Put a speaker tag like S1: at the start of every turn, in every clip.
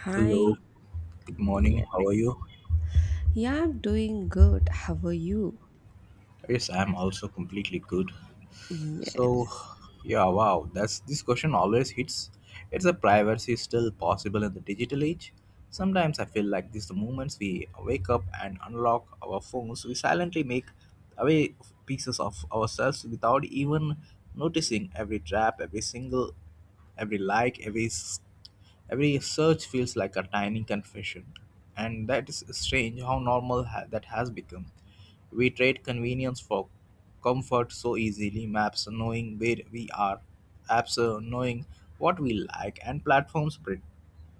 S1: Hi,
S2: Hello, good morning.
S1: yes.
S2: How are you?
S1: Yeah, I'm doing good. How are you?
S2: Yes, I'm also completely good. So,
S1: Yes.
S2: yeah, wow, that's this question always hits. It's a privacy still possible in the digital age. Sometimes I feel like these the moments we wake up and unlock our phones, we silently make away pieces of ourselves without even noticing every trap, every single, every like every s- every search feels like a tiny confession, and that is strange how that has become. We trade convenience for comfort so easily. Maps knowing where we are, apps knowing what we like, and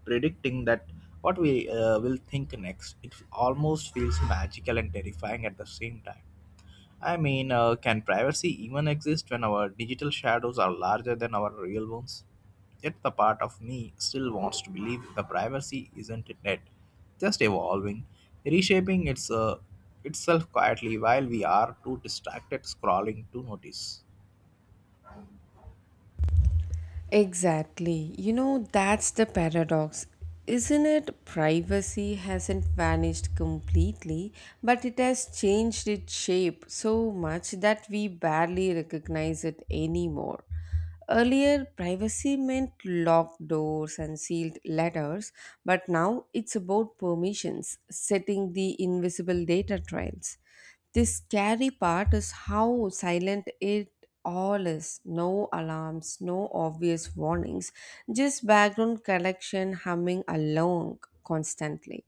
S2: predicting that what we will think next. It almost feels magical and terrifying at the same time. I mean, can privacy even exist when our digital shadows are larger than our real ones? Yet the part of me still wants to believe the privacy isn't net, just evolving, reshaping itself quietly while we are too distracted scrolling to notice.
S1: Exactly. That's the paradox. Isn't it? Privacy hasn't vanished completely, but it has changed its shape so much that we barely recognize it anymore. Earlier, privacy meant locked doors and sealed letters, but now it's about permissions, setting the invisible data trails. The scary part is how silent it all is. No alarms, no obvious warnings, just background collection humming along constantly.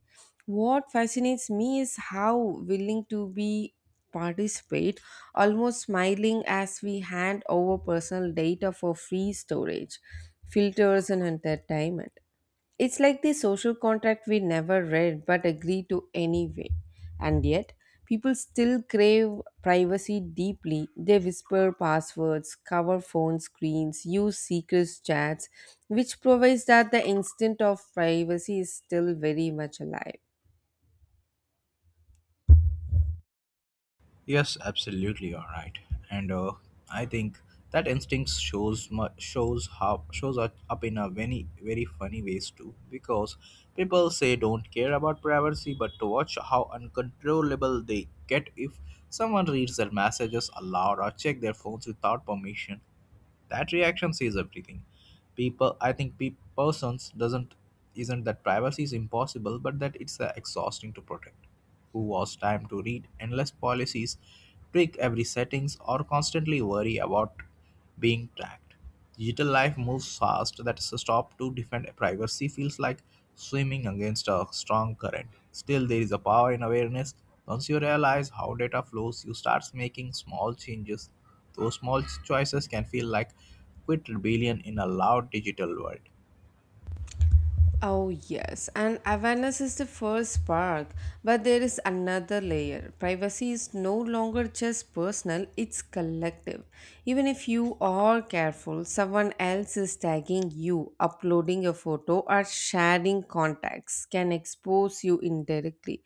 S1: What fascinates me is how willing to be participate, almost smiling as we hand over personal data for free storage, filters and entertainment. It's like the social contract we never read but agree to anyway. And yet, people still crave privacy deeply. They whisper passwords, cover phone screens, use secret chats, which provides that the instinct of privacy is still very much alive.
S2: Yes, absolutely. All right, and I think that instinct shows mu- shows how shows up in a very funny ways too, because people say don't care about privacy, but to watch how uncontrollable they get if someone reads their messages aloud or check their phones without permission. That reaction says everything. People, I think, persons doesn't isn't that privacy is impossible, but that it's exhausting to protect. Who was time to read endless policies, tweak every settings, or constantly worry about being tracked? Digital life moves fast that a stop to defend privacy feels like swimming against a strong current. Still, there is a power in awareness. Once you realize how data flows, you start making small changes. Those small choices can feel like quit rebellion in a loud digital world.
S1: Oh, yes, and awareness is the first spark, but there is another layer. Privacy is no longer just personal, it's collective. Even if you are careful, someone else is tagging you, uploading a photo, or sharing contacts can expose you indirectly.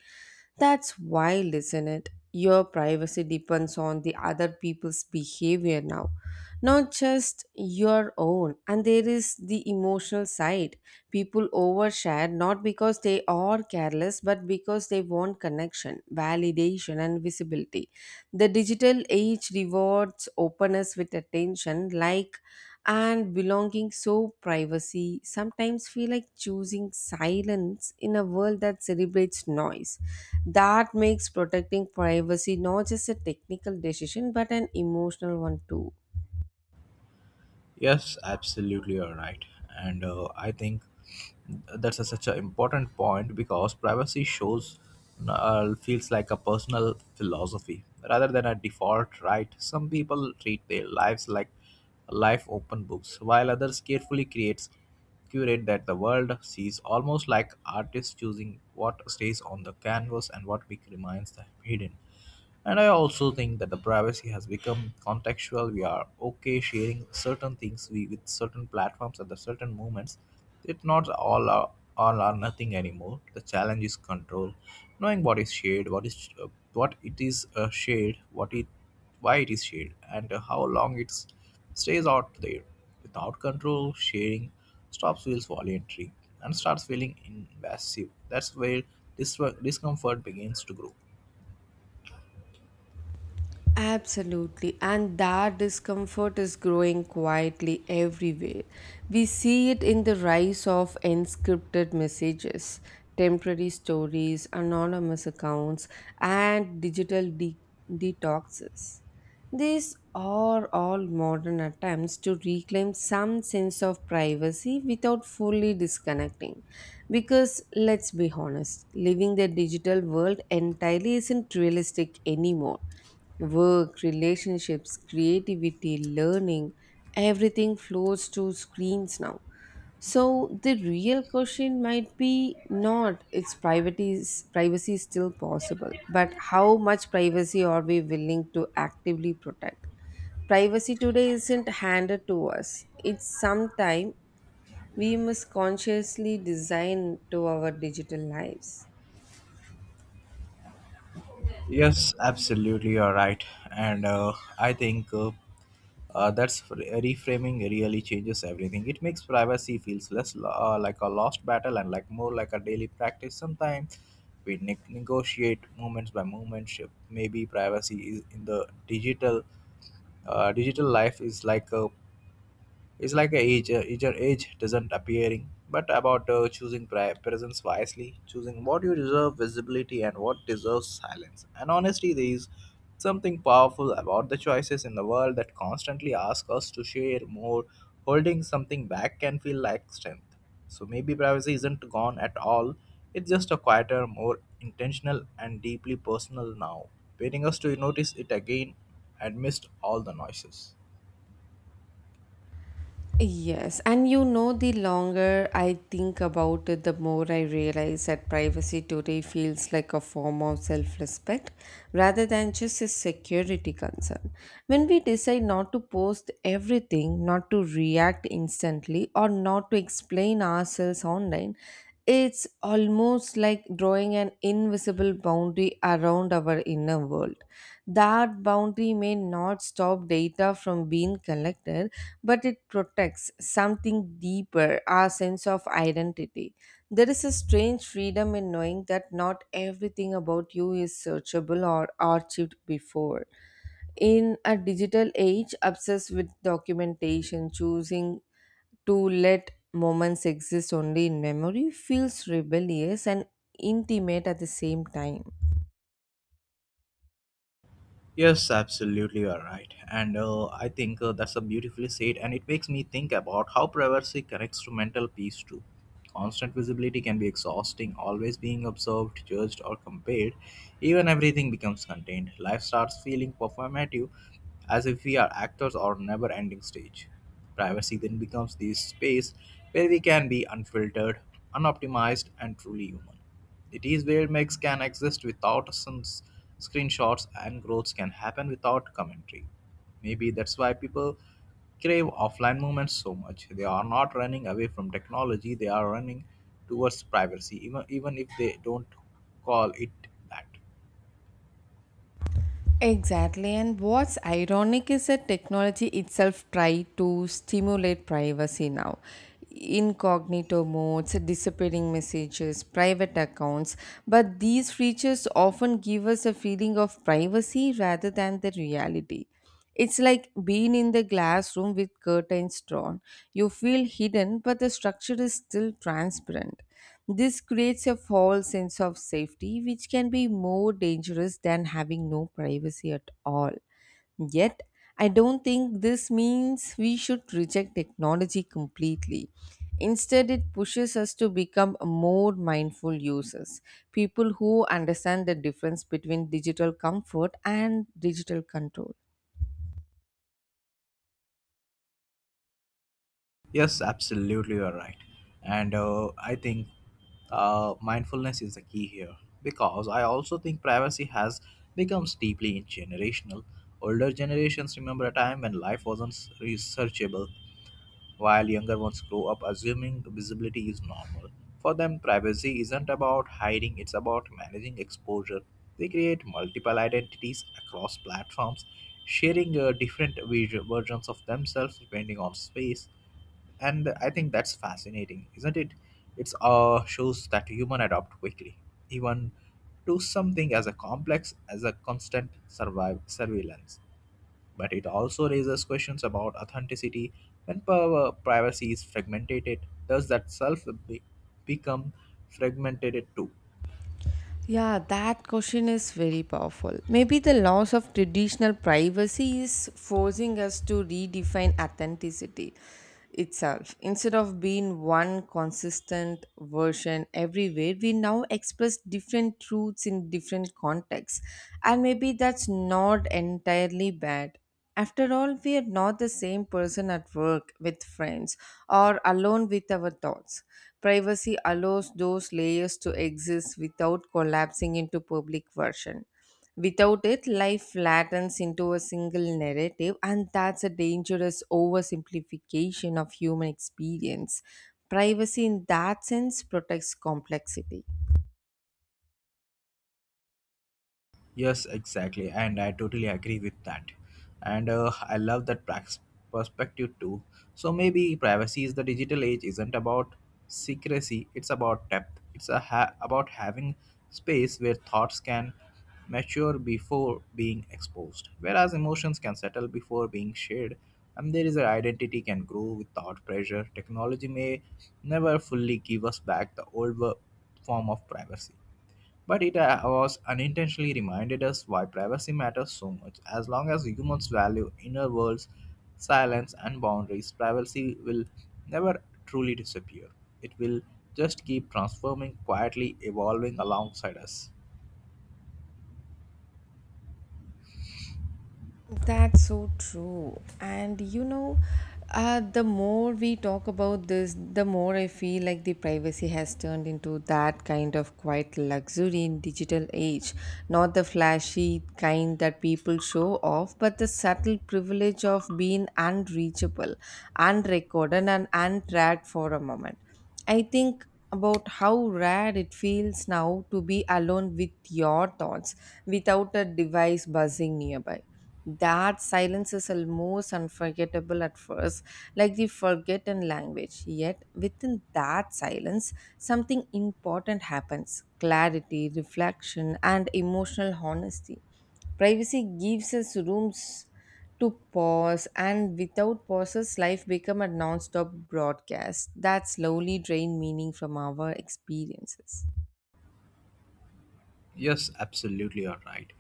S1: That's wild, isn't it? Your privacy depends on the other people's behavior now, not just your own. And there is the emotional side. People overshare not because they are careless, but because they want connection, validation, and visibility. The digital age rewards openness with attention, like and belonging, so privacy sometimes feel like choosing silence in a world that celebrates noise. That makes protecting privacy not just a technical decision but an emotional one too.
S2: Yes, absolutely, you're right. And I think that's such an important point because privacy shows feels like a personal philosophy rather than a default right. Some people treat their lives like life open books, while others carefully creates curate that the world sees, almost like artists choosing what stays on the canvas and remains the hidden. And I also think that the privacy has become contextual. We are okay sharing certain things we, with certain platforms at the certain moments. It not all are, all are nothing anymore. The challenge is control, knowing what is shared, what is what it is shared, what it why it is shared, and how long it stays out there. Without control, sharing stops feels voluntary and starts feeling invasive. That's where discomfort begins to grow.
S1: Absolutely, and that discomfort is growing quietly everywhere. We see it in the rise of encrypted messages, temporary stories, anonymous accounts, and detoxes. These are all modern attempts to reclaim some sense of privacy without fully disconnecting. Because let's be honest, living the digital world entirely isn't realistic anymore. Work, relationships, creativity, learning, everything flows to screens now. So the real question might be not its privacy is still possible, but how much privacy are we willing to actively protect? Privacy today isn't handed to us. It's sometime we must consciously design to our digital lives.
S2: Yes, absolutely, you're right. And I think that's reframing really changes everything. It makes privacy feels like a lost battle and like more like a daily practice. Sometimes negotiate moments by moment. Maybe privacy is in the digital life is like a it's like a age, your age doesn't appearing, but about choosing presence wisely, choosing what you deserve visibility and what deserves silence. And honestly, there is something powerful about the choices in the world that constantly ask us to share more. Holding something back can feel like strength. So maybe privacy isn't gone at all. It's just a quieter, more intentional, and deeply personal now, waiting us to notice it again amidst all the noises.
S1: Yes, and the longer I think about it, the more I realize that privacy today feels like a form of self respect rather than just a security concern. When we decide not to post everything, not to react instantly, or not to explain ourselves online, it's almost like drawing an invisible boundary around our inner world. That boundary may not stop data from being collected, but it protects something deeper, our sense of identity. There is a strange freedom in knowing that not everything about you is searchable or archived before. In a digital age obsessed with documentation, choosing to let moments exist only in memory feels rebellious and intimate at the same time.
S2: Yes, absolutely, you are right. And I think that's a beautifully said, and it makes me think about how privacy connects to mental peace too. Constant visibility can be exhausting, always being observed, judged, or compared. Even everything becomes contained. Life starts feeling performative, as if we are actors or never ending stage. Privacy then becomes this space where we can be unfiltered, unoptimized, and truly human. It is where makes can exist without scenes, screenshots, and growth can happen without commentary. Maybe that's why people crave offline moments so much. They are not running away from technology, they are running towards privacy, even if they don't call it that.
S1: Exactly, and what's ironic is that technology itself try to stimulate privacy now. Incognito modes, disappearing messages, private accounts, but these features often give us a feeling of privacy rather than the reality. It's like being in the glass room with curtains drawn. You feel hidden, but the structure is still transparent. This creates a false sense of safety, which can be more dangerous than having no privacy at all. Yet, I don't think this means we should reject technology completely. Instead, it pushes us to become more mindful users, people who understand the difference between digital comfort and digital control.
S2: Yes, absolutely, you're right. And I think mindfulness is the key here because I also think privacy has becomes deeply generational. Older generations remember a time when life wasn't researchable, while younger ones grow up assuming visibility is normal. For them, privacy isn't about hiding, it's about managing exposure. They create multiple identities across platforms, sharing different versions of themselves depending on space, and I think that's fascinating, isn't it? It's shows that human adapt quickly even to something as a complex as a constant survive surveillance, but it also raises questions about authenticity. When power privacy is fragmented, does that become fragmented too?
S1: Yeah, that question is very powerful. Maybe the loss of traditional privacy is forcing us to redefine authenticity itself. Instead of being one consistent version everywhere, we now express different truths in different contexts. And maybe that's not entirely bad. After all, we are not the same person at work, with friends, or alone with our thoughts. Privacy allows those layers to exist without collapsing into public version. Without it, life flattens into a single narrative, and that's a dangerous oversimplification of human experience. Privacy, in that sense, protects complexity.
S2: Yes, exactly, and I totally agree with that. And I love that perspective too. So maybe privacy is the digital age isn't about secrecy; it's about depth. It's about having space where thoughts can mature before being exposed, whereas emotions can settle before being shared. And there is an identity can grow without pressure. Technology may never fully give us back the form of privacy, but it was unintentionally reminded us why privacy matters so much. As long as humans value inner worlds, silence, and boundaries, privacy will never truly disappear. It will just keep transforming, quietly evolving alongside us.
S1: That's so true. And the more we talk about this, the more I feel like the privacy has turned into that kind of quiet luxury in digital age. Not the flashy kind that people show off, but the subtle privilege of being unreachable, unrecorded, and untracked for a moment. I think about how rare it feels now to be alone with your thoughts without a device buzzing nearby. That silence is almost unforgettable at first, like the forgotten language. Yet, within that silence, something important happens: clarity, reflection, and emotional honesty. Privacy gives us rooms to pause, and without pauses life become a non-stop broadcast that slowly drain meaning from our experiences.
S2: Yes, absolutely, you're right.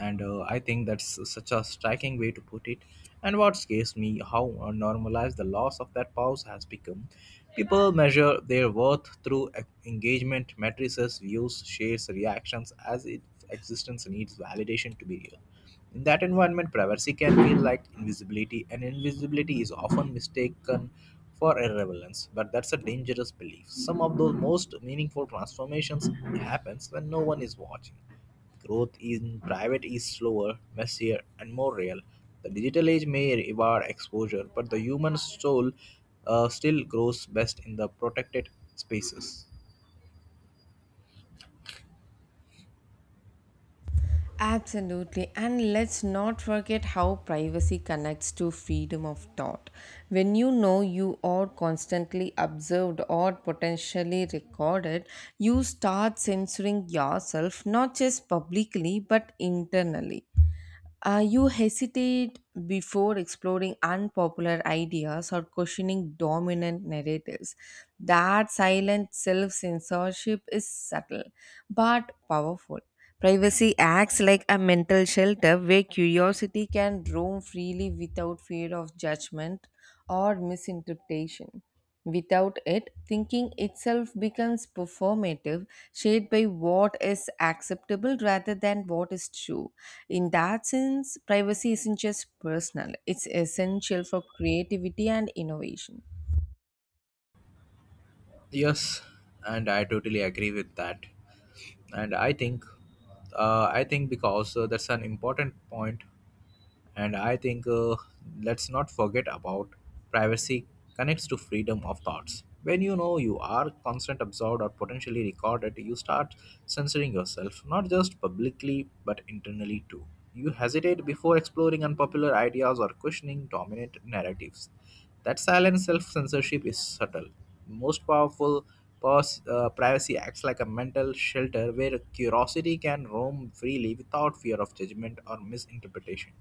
S2: And I think that's such a striking way to put it. And what scares me, how normalized the loss of that pause has become. People measure their worth through engagement, matrices, views, shares, reactions, as if existence needs validation to be real. In that environment, privacy can feel like invisibility, and invisibility is often mistaken for irrelevance, but that's a dangerous belief. Some of the most meaningful transformations happens when no one is watching. Growth in private is slower, messier, and more real. The digital age may reward exposure, but the human soul still grows best in the protected spaces.
S1: Absolutely, and let's not forget how privacy connects to freedom of thought. When you know you are constantly observed or potentially recorded, you start censoring yourself, not just publicly but internally. You hesitate before exploring unpopular ideas or questioning dominant narratives. That silent self censorship is subtle but powerful. Privacy acts like a mental shelter where curiosity can roam freely without fear of judgment or misinterpretation. Without it, thinking itself becomes performative, shaped by what is acceptable rather than what is true. In that sense, privacy isn't just personal, it's essential for creativity and innovation.
S2: Yes, and I totally agree with that. And I think I think because that's an important point. And I think let's not forget about privacy connects to freedom of thoughts. When you know you are constant observed or potentially recorded, you start censoring yourself not just publicly but internally too. You hesitate before exploring unpopular ideas or questioning dominant narratives. That silent self-censorship is subtle, most powerful. Privacy acts like a mental shelter where curiosity can roam freely without fear of judgment or misinterpretation.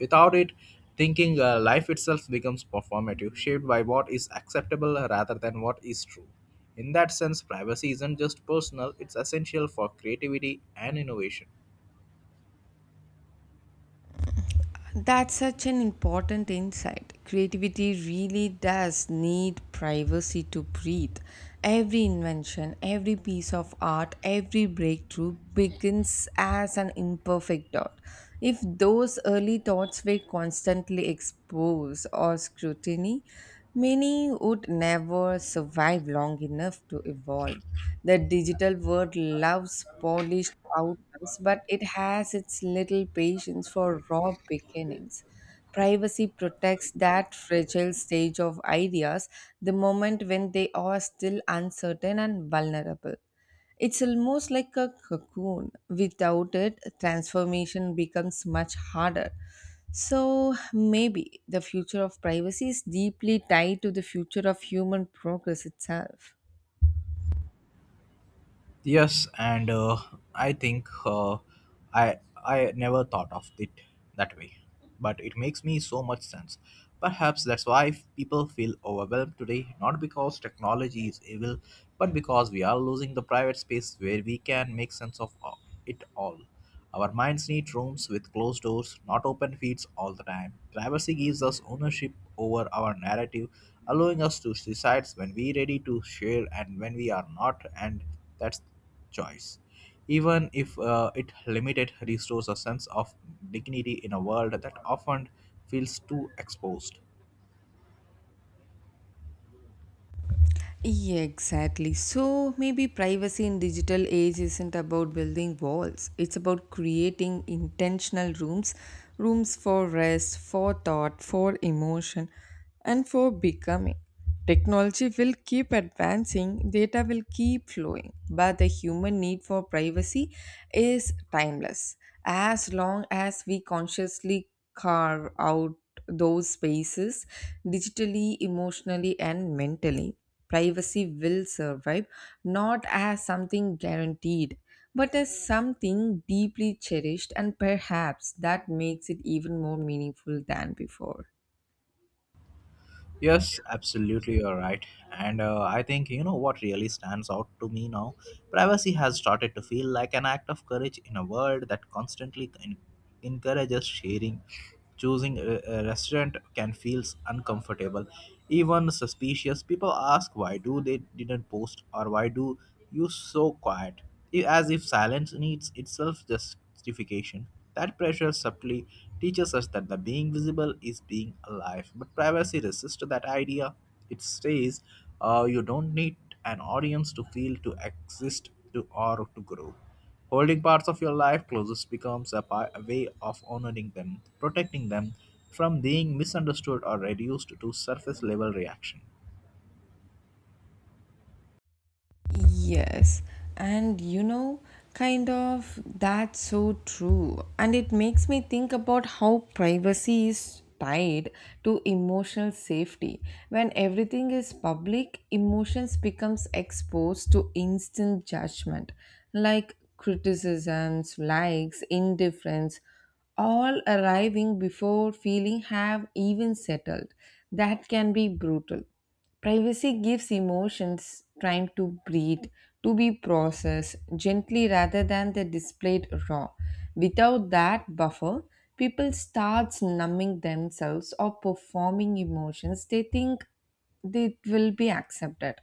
S2: Without it, thinking life itself becomes performative, shaped by what is acceptable rather than what is true. In that sense, privacy isn't just personal, it's essential for creativity and innovation.
S1: That's such an important insight. Creativity really does need privacy to breathe. Every invention, every piece of art, every breakthrough begins as an imperfect thought. If those early thoughts were constantly exposed or scrutiny, many would never survive long enough to evolve. The digital world loves polished outcomes, but it has its little patience for raw beginnings. Privacy protects that fragile stage of ideas, the moment when they are still uncertain and vulnerable. It's almost like a cocoon. Without it, transformation becomes much harder. So maybe the future of privacy is deeply tied to the future of human progress itself.
S2: Yes, and I think I never thought of it that way, but it makes me so much sense. Perhaps that's why people feel overwhelmed today, not because technology is evil, but because we are losing the private space where we can make sense of it all. Our minds need rooms with closed doors, not open feeds all the time. Privacy gives us ownership over our narrative, allowing us to decide when we're ready to share and when we are not, and that's choice. Even if it limited restores a sense of dignity in a world that often feels too exposed.
S1: Yeah, exactly. So maybe privacy in digital age isn't about building walls. It's about creating intentional rooms, rooms for rest, for thought, for emotion, and for becoming. Technology will keep advancing, data will keep flowing, but the human need for privacy is timeless. As long as we consciously carve out those spaces, digitally, emotionally, and mentally, privacy will survive, not as something guaranteed but as something deeply cherished, and perhaps that makes it even more meaningful than before.
S2: Yes, absolutely, you're right. And I think you know what really stands out to me now? Privacy has started to feel like an act of courage in a world that constantly encourages sharing. Choosing a restaurant can feel uncomfortable, even suspicious. People ask why do they didn't post or why do you so quiet, as if silence needs itself justification. That pressure subtly teaches us that the being visible is being alive, but privacy resists that idea. It says you don't need an audience to feel, to exist, to or to grow. Holding parts of your life closest becomes a way of honoring them, protecting them from being misunderstood or reduced to surface level reaction.
S1: Yes, and that's so true. And it makes me think about how privacy is tied to emotional safety. When everything is public, emotions becomes exposed to instant judgment, like criticisms, likes, indifference, all arriving before feeling have even settled. That can be brutal. Privacy gives emotions time to breathe, to be processed gently rather than they displayed raw. Without that buffer, people start numbing themselves or performing emotions they think they will be accepted.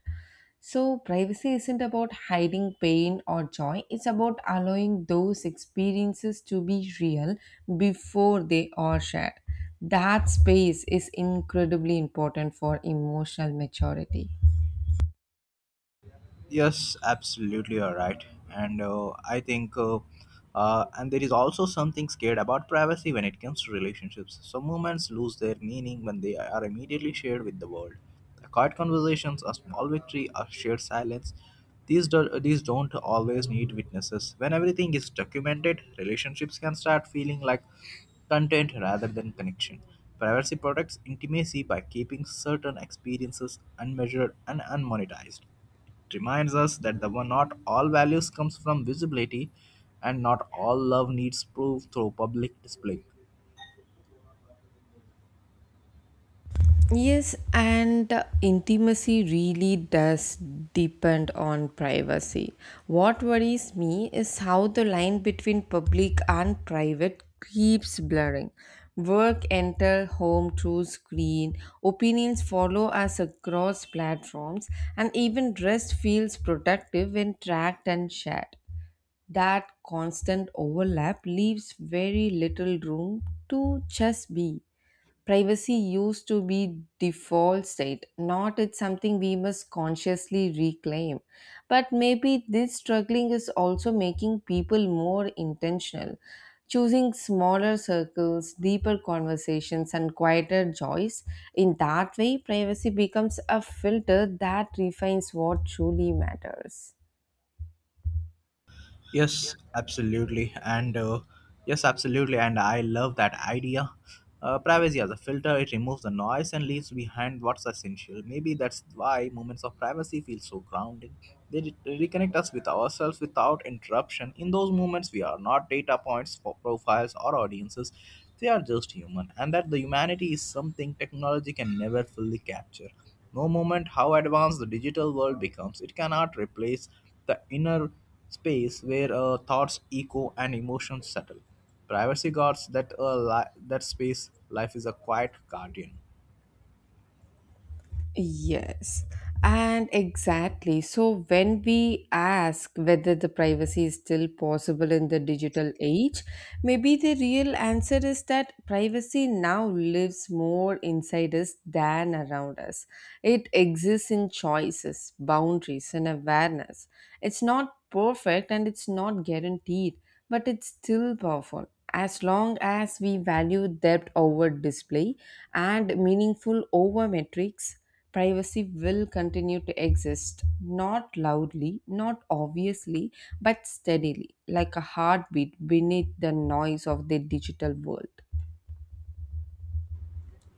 S1: So, privacy isn't about hiding pain or joy, it's about allowing those experiences to be real before they are shared. That space is incredibly important for emotional maturity.
S2: Yes, absolutely, you're right. And I think, and there is also something scared about privacy when it comes to relationships. Some moments lose their meaning when they are immediately shared with the world. Quiet conversations, a small victory, a shared silence. These don't always need witnesses. When everything is documented, relationships can start feeling like content rather than connection. Privacy protects intimacy by keeping certain experiences unmeasured and unmonetized. It reminds us that the not all values comes from visibility and not all love needs proof through public display.
S1: Yes, and intimacy really does depend on privacy. What worries me is how the line between public and private keeps blurring. Work enter home through screen, opinions follow us across platforms, and even rest feels productive when tracked and shared. That constant overlap leaves very little room to just be. Privacy used to be default state, not it's something we must consciously reclaim. But maybe this struggling is also making people more intentional, choosing smaller circles, deeper conversations, and quieter joys. In that way, privacy becomes a filter that refines what truly matters.
S2: Yes, absolutely. And I love that idea. Privacy as a filter, it removes the noise and leaves behind what's essential. Maybe that's why moments of privacy feel so grounding. They reconnect us with ourselves without interruption. In those moments, we are not data points for profiles or audiences. They are just human. And that the humanity is something technology can never fully capture. No moment, how advanced the digital world becomes, it cannot replace the inner space where thoughts echo and emotions settle. Privacy guards that that space. Life is a quiet guardian.
S1: Yes, and exactly. So, when we ask whether the privacy is still possible in the digital age, maybe the real answer is that privacy now lives more inside us than around us. It exists in choices, boundaries, and awareness. It's not perfect and it's not guaranteed, but it's still powerful. As long as we value depth over display and meaningful over metrics, privacy will continue to exist, not loudly, not obviously, but steadily, like a heartbeat beneath the noise of the digital world.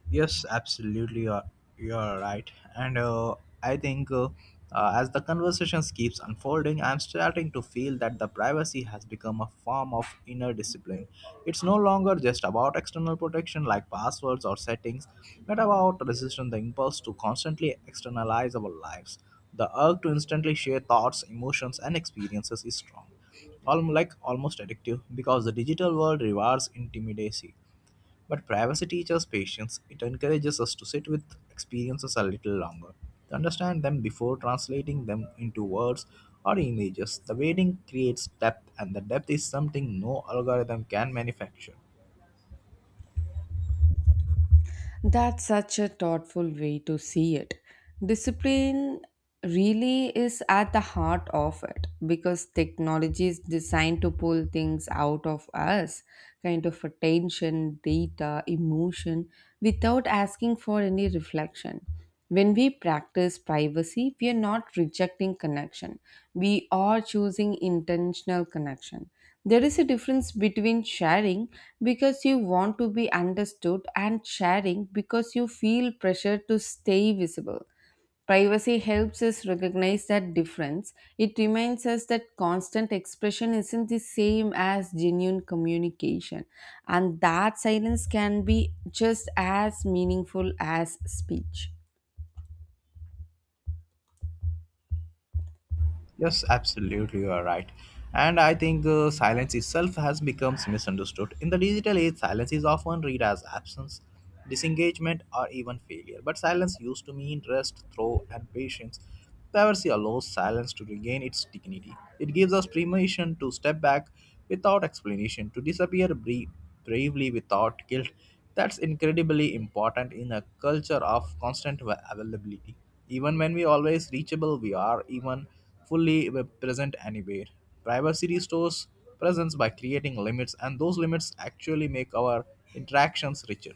S2: Yes, absolutely. You're right. And I think as the conversation keeps unfolding, I'm starting to feel that the privacy has become a form of inner discipline. It's no longer just about external protection like passwords or settings, but about resisting the impulse to constantly externalize our lives. The urge to instantly share thoughts, emotions, and experiences is strong, almost like almost addictive, because the digital world rewards intimacy but privacy teaches patience. It encourages us to sit with experiences a little longer, to understand them before translating them into words or images. The waiting creates depth, and the depth is something no algorithm can manufacture.
S1: That's such a thoughtful way to see it. Discipline really is at the heart of it because technology is designed to pull things out of us, attention, data, emotion, without asking for any reflection. When we practice privacy, we are not rejecting connection. We are choosing intentional connection. There is a difference between sharing because you want to be understood and sharing because you feel pressure to stay visible. Privacy helps us recognize that difference. It reminds us that constant expression isn't the same as genuine communication, and that silence can be just as meaningful as speech.
S2: Yes, absolutely, you are right. And I think silence itself has become misunderstood. In the digital age, silence is often read as absence, disengagement, or even failure. But silence used to mean rest, throw, and patience. Privacy allows silence to regain its dignity. It gives us permission to step back without explanation, to disappear bravely without guilt. That's incredibly important in a culture of constant availability, even when we always reachable we are even fully present anywhere, privacy restores presence by creating limits, and those limits actually make our interactions richer.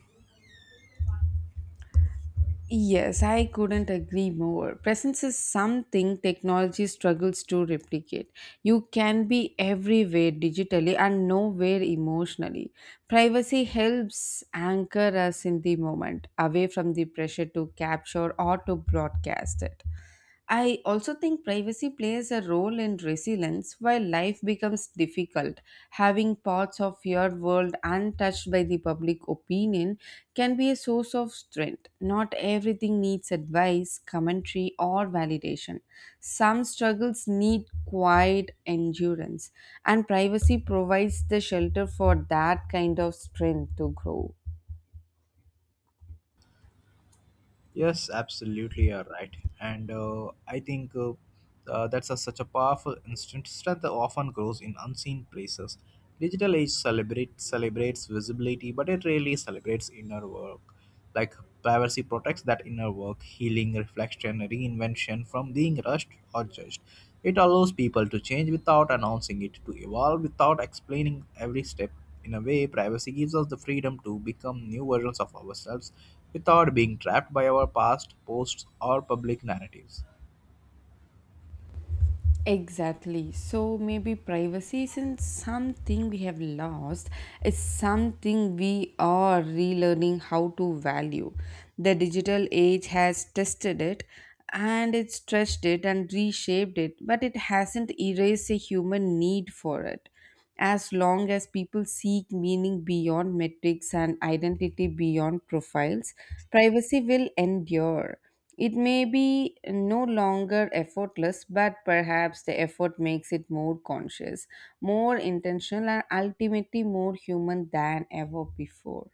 S1: Yes, I couldn't agree more. Presence is something technology struggles to replicate. You can be everywhere digitally and nowhere emotionally. Privacy helps anchor us in the moment, away from the pressure to capture or to broadcast it. I also think privacy plays a role in resilience while life becomes difficult. Having parts of your world untouched by the public opinion can be a source of strength. Not everything needs advice, commentary, or validation. Some struggles need quiet endurance, and privacy provides the shelter for that kind of strength to grow.
S2: Yes, absolutely, you're right. And I think that's such a powerful instinct. Strength that often grows in unseen places. Digital age celebrates visibility, but it rarely celebrates inner work. Like privacy protects that inner work, healing, reflection, reinvention from being rushed or judged. It allows people to change without announcing it, to evolve without explaining every step. In a way, privacy gives us the freedom to become new versions of ourselves without being trapped by our past, posts, or public narratives.
S1: Exactly. So maybe privacy isn't something we have lost, it's something we are relearning how to value. The digital age has tested it and it stretched it and reshaped it, but it hasn't erased a human need for it. As long as people seek meaning beyond metrics and identity beyond profiles, privacy will endure. It may be no longer effortless, but perhaps the effort makes it more conscious, more intentional, and ultimately more human than ever before.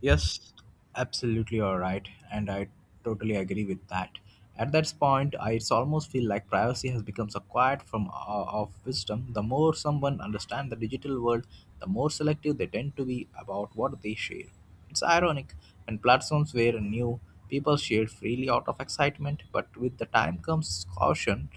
S2: Yes, absolutely, you're right, and I totally agree with that. At that point, I it's almost feel like privacy has become a quiet from of wisdom. The more someone understands the digital world, the more selective they tend to be about what they share. It's ironic, when platforms were new, people shared freely out of excitement, but with the time comes caution.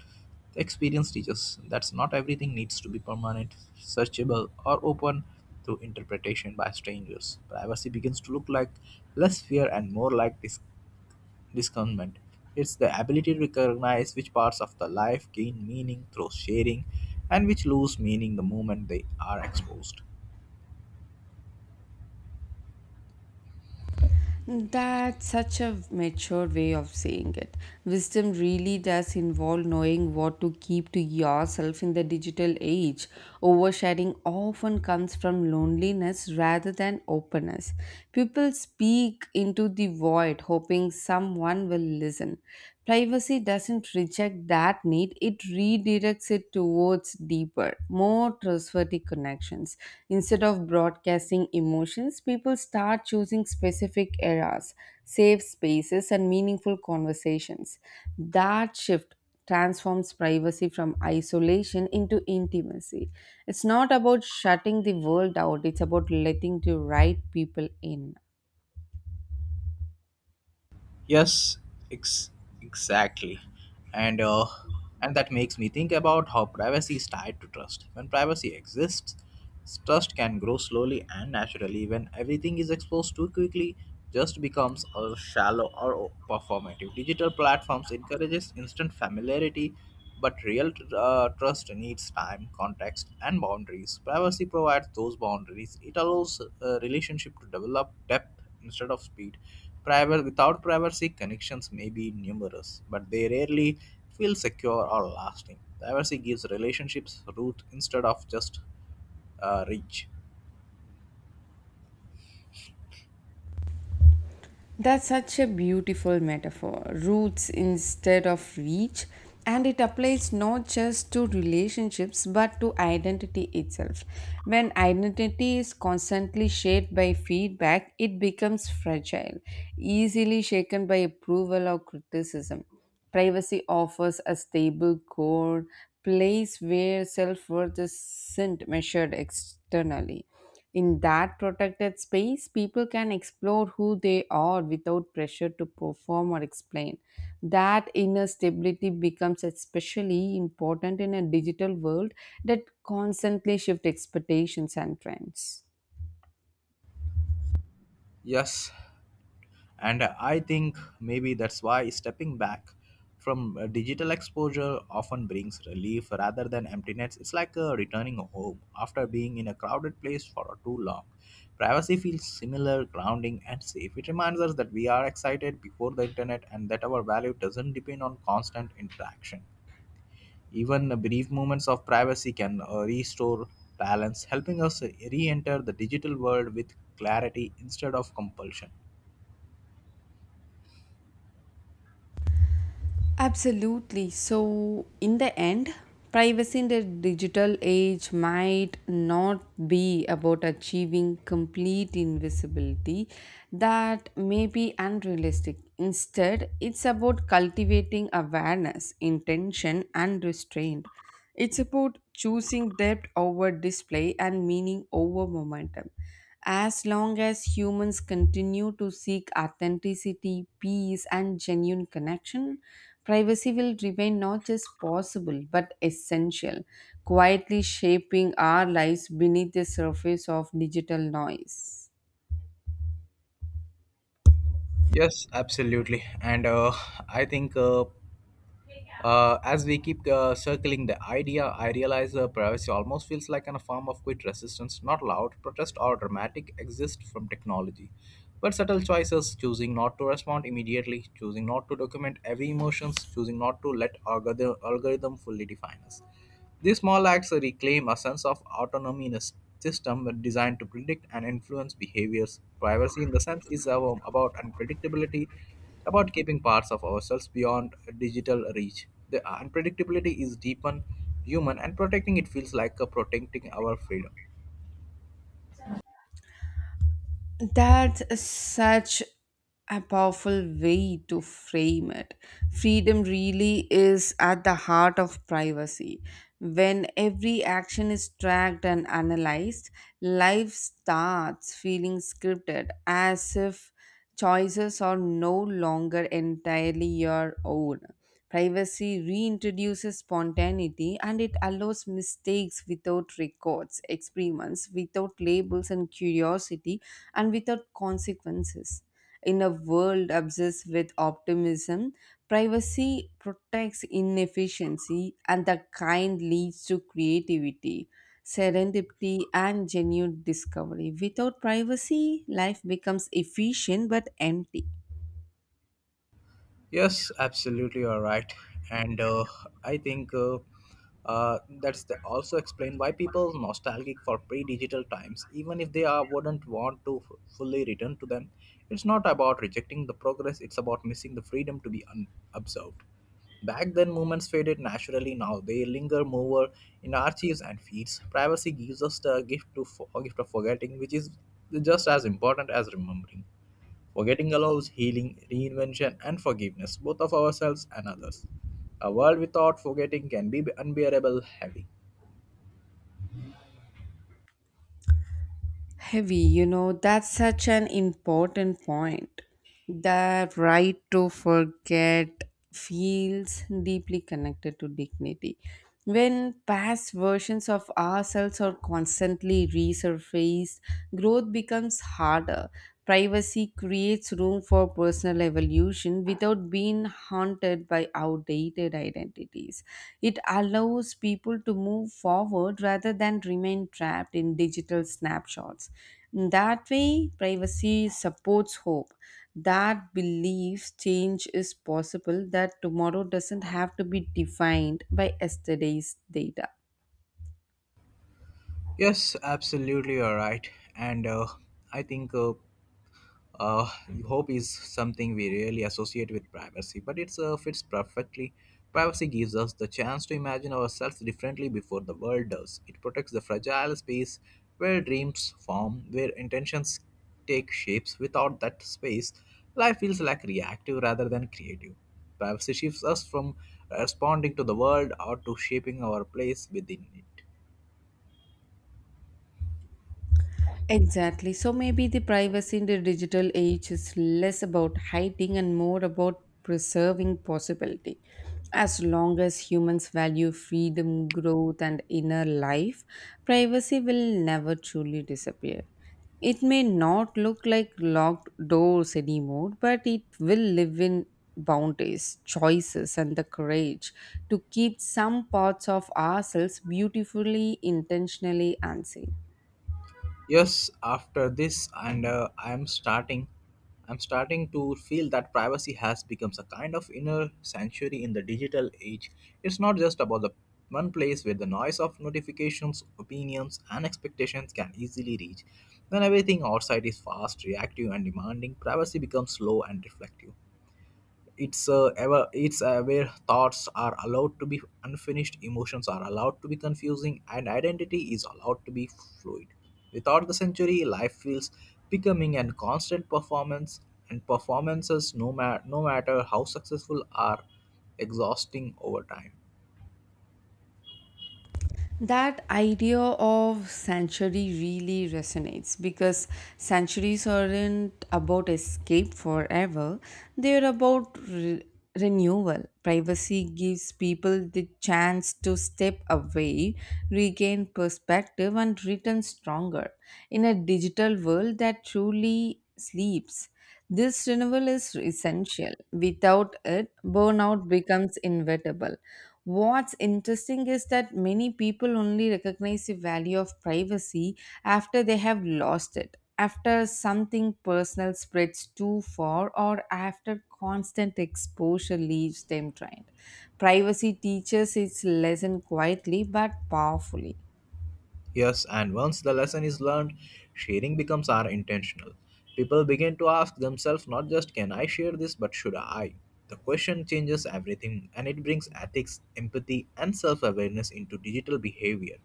S2: Experience teaches that not everything needs to be permanent, searchable, or open to interpretation by strangers. Privacy begins to look like less fear and more like discernment. It's the ability to recognize which parts of the life gain meaning through sharing and which lose meaning the moment they are exposed.
S1: That's such a mature way of saying it. Wisdom really does involve knowing what to keep to yourself in the digital age. Oversharing often comes from loneliness rather than openness. People speak into the void, hoping someone will listen. Privacy doesn't reject that need, it redirects it towards deeper, more trustworthy connections. Instead of broadcasting emotions, people start choosing specific eras, safe spaces, and meaningful conversations. That shift transforms privacy from isolation into intimacy. It's not about shutting the world out, it's about letting the right people in.
S2: Yes, ex- exactly. And and that makes me think about how privacy is tied to trust. When privacy exists, trust can grow slowly and naturally. When everything is exposed too quickly, just becomes a shallow or performative. Digital platforms encourages instant familiarity, but real trust needs time, context, and boundaries. Privacy provides those boundaries. It allows a relationship to develop depth instead of speed. Privacy, without privacy, connections may be numerous, but they rarely feel secure or lasting. Privacy gives relationships root instead of just reach.
S1: That's such a beautiful metaphor. Roots instead of reach. And it applies not just to relationships but to identity itself. When identity is constantly shaped by feedback, it becomes fragile, easily shaken by approval or criticism. Privacy offers a stable core, place where self worth isn't measured externally. In that protected space, people can explore who they are without pressure to perform or explain. That inner stability becomes especially important in a digital world that constantly shifts expectations and trends.
S2: Yes, and I think maybe that's why stepping back from digital exposure often brings relief rather than emptiness. It's like returning home after being in a crowded place for too long. Privacy feels similar, grounding, and safe. It reminds us that we are excited before the internet and that our value doesn't depend on constant interaction. Even brief moments of privacy can restore balance, helping us re enter the digital world with clarity instead of compulsion.
S1: Absolutely. So, in the end, privacy in the digital age might not be about achieving complete invisibility, that may be unrealistic. Instead, it's about cultivating awareness, intention, and restraint. It's about choosing depth over display and meaning over momentum. As long as humans continue to seek authenticity, peace, and genuine connection, privacy will remain not just possible but essential, quietly shaping our lives beneath the surface of digital noise.
S2: Yes, absolutely. And I think as we keep circling the idea, I realize privacy almost feels like a form of quiet resistance, not loud protest or dramatic exist from technology. But subtle choices, choosing not to respond immediately, choosing not to document every emotions, choosing not to let algorithm fully define us. These small acts reclaim a sense of autonomy in a system designed to predict and influence behaviors. Privacy, in the sense, is about unpredictability, about keeping parts of ourselves beyond digital reach. The unpredictability is deepened human, and protecting it feels like protecting our freedom.
S1: That's such a powerful way to frame it. Freedom really is at the heart of privacy. When every action is tracked and analyzed, life starts feeling scripted as if choices are no longer entirely your own. Privacy reintroduces spontaneity and it allows mistakes without records, experiments without labels and curiosity, and without consequences. In a world obsessed with optimism, privacy protects inefficiency, and the kind leads to creativity, serendipity, and genuine discovery. Without privacy, life becomes efficient but empty.
S2: Yes, absolutely, you're right, and I think that's also explain why people nostalgic for pre-digital times, even if they are wouldn't want to fully return to them. It's not about rejecting the progress; it's about missing the freedom to be unobserved. Back then, moments faded naturally. Now they linger more in archives and feeds. Privacy gives us the gift of forgetting, which is just as important as remembering. Forgetting allows healing, reinvention, and forgiveness, both of ourselves and others. A world without forgetting can be unbearable heavy.
S1: Heavy, you know, that's such an important point. The right to forget feels deeply connected to dignity. When past versions of ourselves are constantly resurfaced, growth becomes harder. Privacy creates room for personal evolution without being haunted by outdated identities. It allows people to move forward rather than remain trapped in digital snapshots. In that way, privacy supports hope that beliefs change is possible, that tomorrow doesn't have to be defined by yesterday's data.
S2: Yes, absolutely, you're right. And I think Uh, hope is something we rarely associate with privacy, but it fits perfectly. Privacy gives us the chance to imagine ourselves differently before the world does. It protects the fragile space where dreams form, where intentions take shapes. Without that space, life feels like reactive rather than creative. Privacy shifts us from responding to the world or to shaping our place within it.
S1: Exactly. So maybe the privacy in the digital age is less about hiding and more about preserving possibility. As long as humans value freedom, growth, and inner life, privacy will never truly disappear. It may not look like locked doors anymore, but it will live in boundaries, choices, and the courage to keep some parts of ourselves beautifully, intentionally, unseen.
S2: Yes, after this and I'm starting to feel that privacy has become a kind of inner sanctuary in the digital age. It's not just about the one place where the noise of notifications, opinions, and expectations can easily reach. When everything outside is fast, reactive, and demanding, privacy becomes slow and reflective. It's ever it's where thoughts are allowed to be unfinished, emotions are allowed to be confusing, and identity is allowed to be fluid. Without the century, life feels becoming a constant performance, and performances, no matter how successful, are exhausting over time.
S1: That idea of sanctuary really resonates because sanctuaries aren't about escape forever, they're about renewal. Privacy gives people the chance to step away, regain perspective, and return stronger in a digital world that truly sleeps. This renewal is essential. Without it, burnout becomes inevitable. What's interesting is that many people only recognize the value of privacy after they have lost it, after something personal spreads too far, or after constant exposure leaves them trained. Privacy teaches its lesson quietly but powerfully.
S2: Yes, and once the lesson is learned, sharing becomes our intentional. People begin to ask themselves not just, can I share this, but should I? The question changes everything, and it brings ethics, empathy, and self awareness into digital behavior.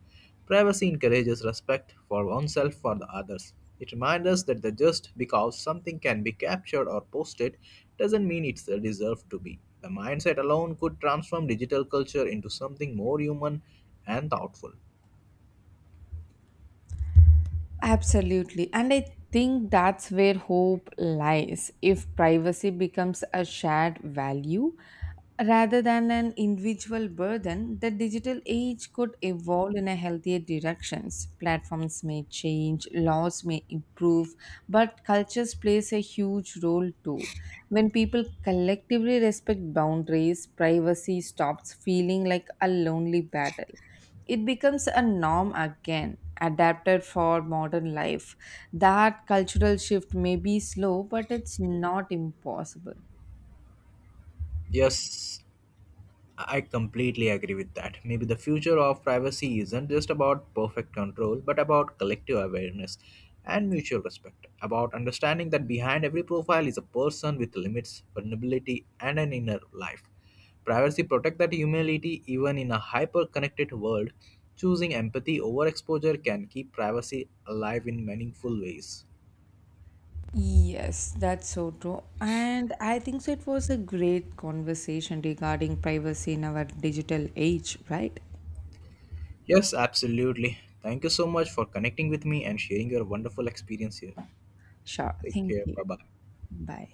S2: Privacy encourages respect for oneself for the others. It reminds us that the just because something can be captured or posted doesn't mean it's deserved to be. The mindset alone could transform digital culture into something more human and thoughtful.
S1: Absolutely. And I think that's where hope lies. If privacy becomes a shared value rather than an individual burden, the digital age could evolve in a healthier directions. Platforms may change, laws may improve, but cultures plays a huge role too. When people collectively respect boundaries, privacy stops feeling like a lonely battle, it becomes a norm again adapted for modern life. That cultural shift may be slow, but it's not impossible.
S2: Yes, I completely agree with that. Maybe the future of privacy isn't just about perfect control, but about collective awareness and mutual respect, about understanding that behind every profile is a person with limits, vulnerability, and an inner life. Privacy protects that humility even in a hyper connected world. Choosing empathy over exposure can keep privacy alive in meaningful ways.
S1: Yes, that's so true. And I think so it was a great conversation regarding privacy in our digital age, right?
S2: Yes, absolutely. Thank you so much for connecting with me and sharing your wonderful experience here.
S1: Sure.
S2: Take
S1: Thank
S2: care.
S1: you.
S2: Bye bye.
S1: Bye.